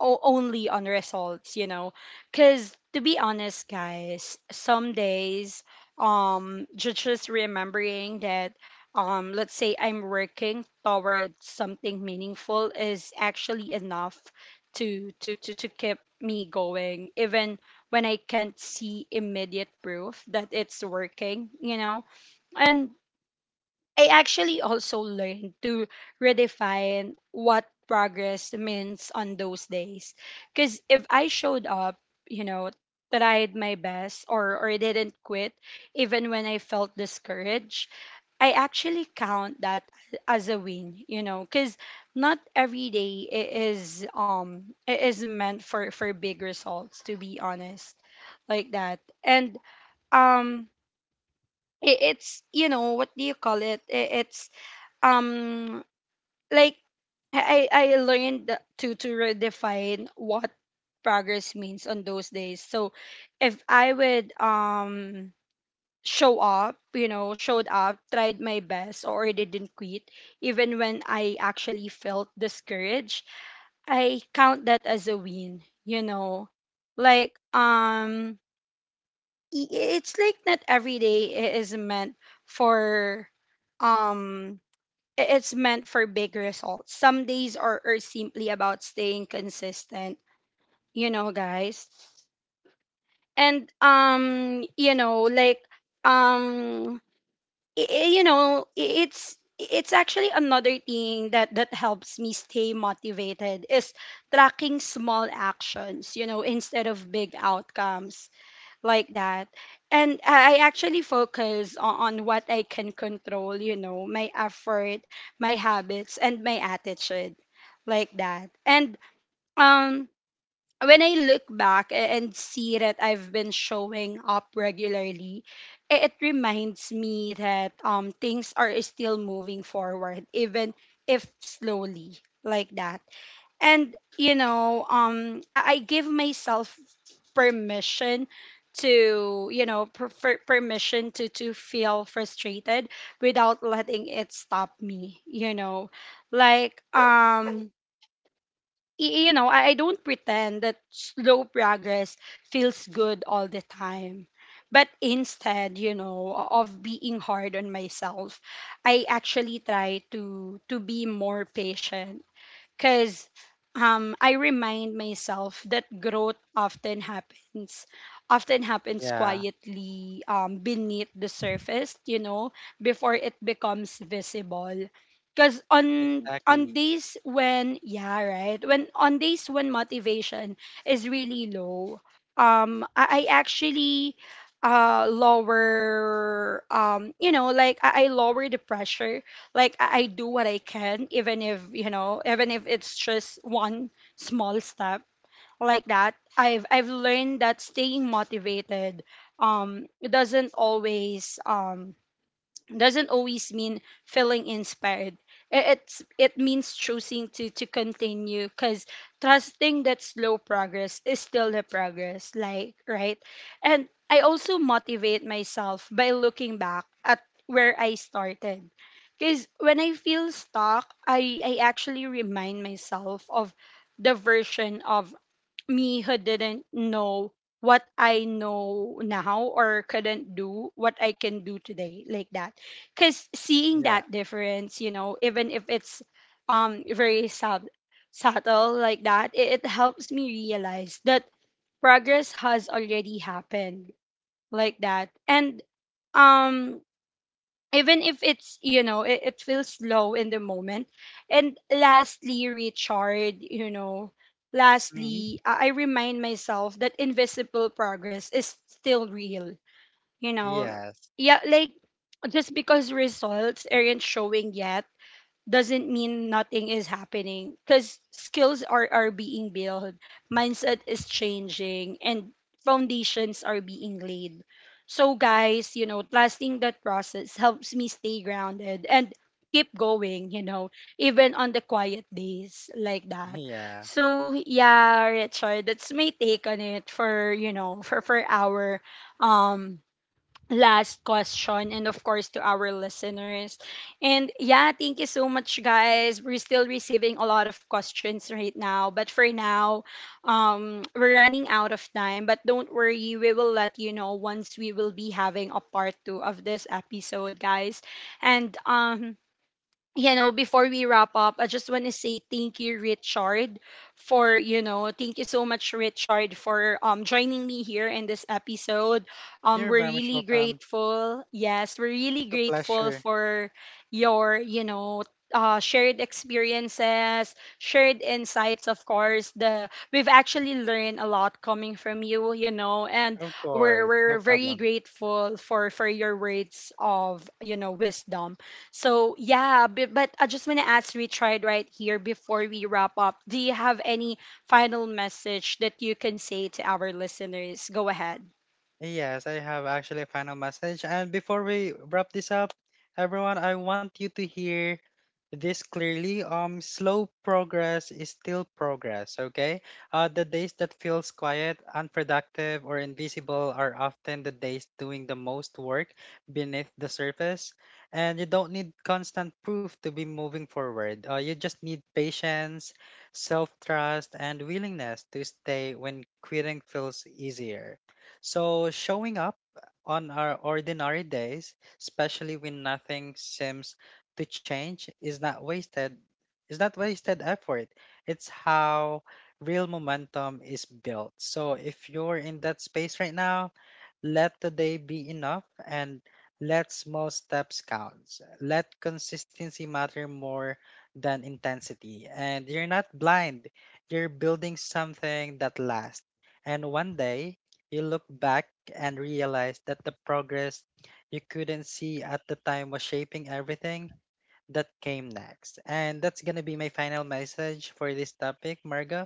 A: only on results, you know. Because to be honest, guys, some days, just remembering that, let's say I'm working toward something meaningful is actually enough to keep me going, even when I can't see immediate proof that it's working, you know. And I actually also learned to redefine what progress means on those days. Because if I showed up, you know, tried my best or didn't quit, even when I felt discouraged, I actually count that as a win, you know, because not every day is is meant for big results, to be honest, like that. And um it's, you know, what do you call it, it's um like I learned to redefine what progress means on those days. So if I would show up, you know, showed up, tried my best or didn't quit, even when I actually felt discouraged, I count that as a win, you know. Like it's like not every day is meant for um it's meant for big results. Some days are simply about staying consistent, you know, guys. And you know, like um, you know, it's actually another thing that helps me stay motivated is tracking small actions, you know, instead of big outcomes, like that. And I actually focus on what I can control, you know, my effort, my habits, and my attitude, like that. And um, when I look back and see that I've been showing up regularly, it reminds me that things are still moving forward, even if slowly, like that. And you know, I give myself permission to, you know, permission to feel frustrated without letting it stop me, you know. Like you know, I don't pretend that slow progress feels good all the time, but instead, you know, of being hard on myself, I actually try to be more patient because I remind myself that growth often happens
B: Yeah,
A: quietly, beneath the surface, you know, before it becomes visible. Because on
B: exactly.
A: days when, yeah, right, when on days when motivation is really low, I actually lower, you know, like I lower the pressure. Like I do what I can, even if, you know, even if it's just one small step, like that. I've learned that staying motivated, it doesn't always, doesn't always mean feeling inspired. I- It's, it means choosing to continue because trusting that slow progress is still the progress, like, right. And I also motivate myself by looking back at where I started. Because when I feel stuck, I actually remind myself of the version of me who didn't know what I know now or couldn't do what I can do today, like that, cuz seeing
B: Yeah.
A: that difference, you know, even if it's very subtle, like that, it helps me realize that progress has already happened, like that. And um even if it's, you know, it feels low in the moment. And lastly, Richard, you know,
B: Mhm.
A: lastly, I remind myself that invisible progress is still real, you know.
B: Yes.
A: Yeah, like, just because results aren't showing yet doesn't mean nothing is happening, because skills are being built, mindset is changing, and foundations are being laid. So, guys, you know, trusting that process helps me stay grounded and keep going, you know, even on the quiet days, like that.
B: Yeah.
A: So, yeah, Richard, that's my take on it for, you know, for our um last question, and of course to our listeners. And yeah, thank you so much, guys, we're still receiving a lot of questions right now, but for now, we're running out of time, but don't worry, we will let you know once we will be having a part two of this episode, guys. And you know, before we wrap up, I just want to say thank you, Richard, for, you know, thank you so much, Richard, for joining me here in this episode.
B: You're
A: We're
B: very much
A: really
B: welcome.
A: grateful. Yes, we're really
B: It's a
A: grateful
B: pleasure.
A: for your, you know. Shared experiences, shared insights, of course. The we've actually learned a lot coming from you, you know, and
B: Of course. No
A: we're very
B: problem.
A: grateful for your words of, you know, wisdom. So yeah, but I just want to ask Richard right here before we wrap up. Do you have any final message that you can say to our listeners? Go ahead.
B: Yes, I have actually a final message. And before we wrap this up, everyone, I want you to hear this clearly. Slow progress is still progress, okay? The days that feels quiet, unproductive, or invisible are often the days doing the most work beneath the surface. And you don't need constant proof to be moving forward. You just need patience, self-trust, and willingness to stay when quitting feels easier. So, showing up on our ordinary days, especially when nothing seems to change, is not wasted. Is not wasted effort. It's how real momentum is built. So, if you're in that space right now, let today be enough and let small steps count. Let consistency matter more than intensity. And you're not blind, you're building something that lasts. And one day, you look back and realize that the progress you couldn't see at the time was shaping everything that came next. And that's going to be my final message for this topic, Marga.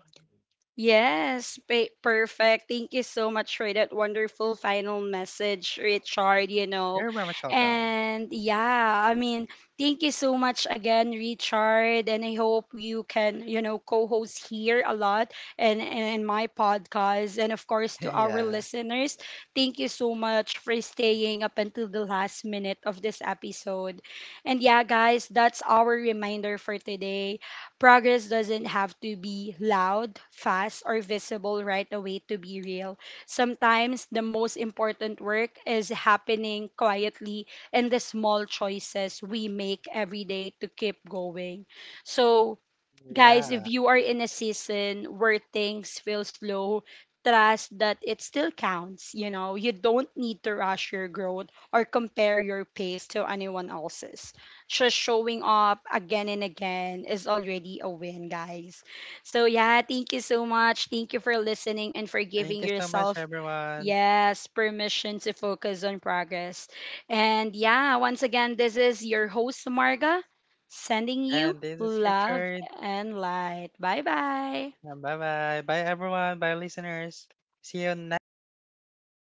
A: Yes, perfect. Thank you so much for that wonderful final message, Richard, you know.
B: You're very much welcome.
A: And yeah, I mean, thank you so much again, Richard, and I hope you can, you know, co-host here a lot and in my podcast and of course to our
B: Yeah.
A: listeners. Thank you so much for staying up until the last minute of this episode. And yeah, guys, that's our reminder for today. Progress doesn't have to be loud, fast, or visible right away to be real. Sometimes the most important work is happening quietly in the small choices we make every day to keep going. So, guys, if
B: Yeah.
A: you are in a season where things feel slow, trust that it still counts. You know, you don't need to rush your growth or compare your pace to anyone else's. Just showing up again and again is already a win, guys. So, yeah, thank you so much. Thank you for listening and for
B: Thank
A: giving
B: you so much,
A: yourself.
B: everyone.
A: Yes, permission to focus on progress. And yeah, once again, this is your host, Marga, sending you
B: And this is
A: love
B: Richard.
A: and light. Bye bye.
B: Bye bye. Bye, everyone. Bye, listeners. See you next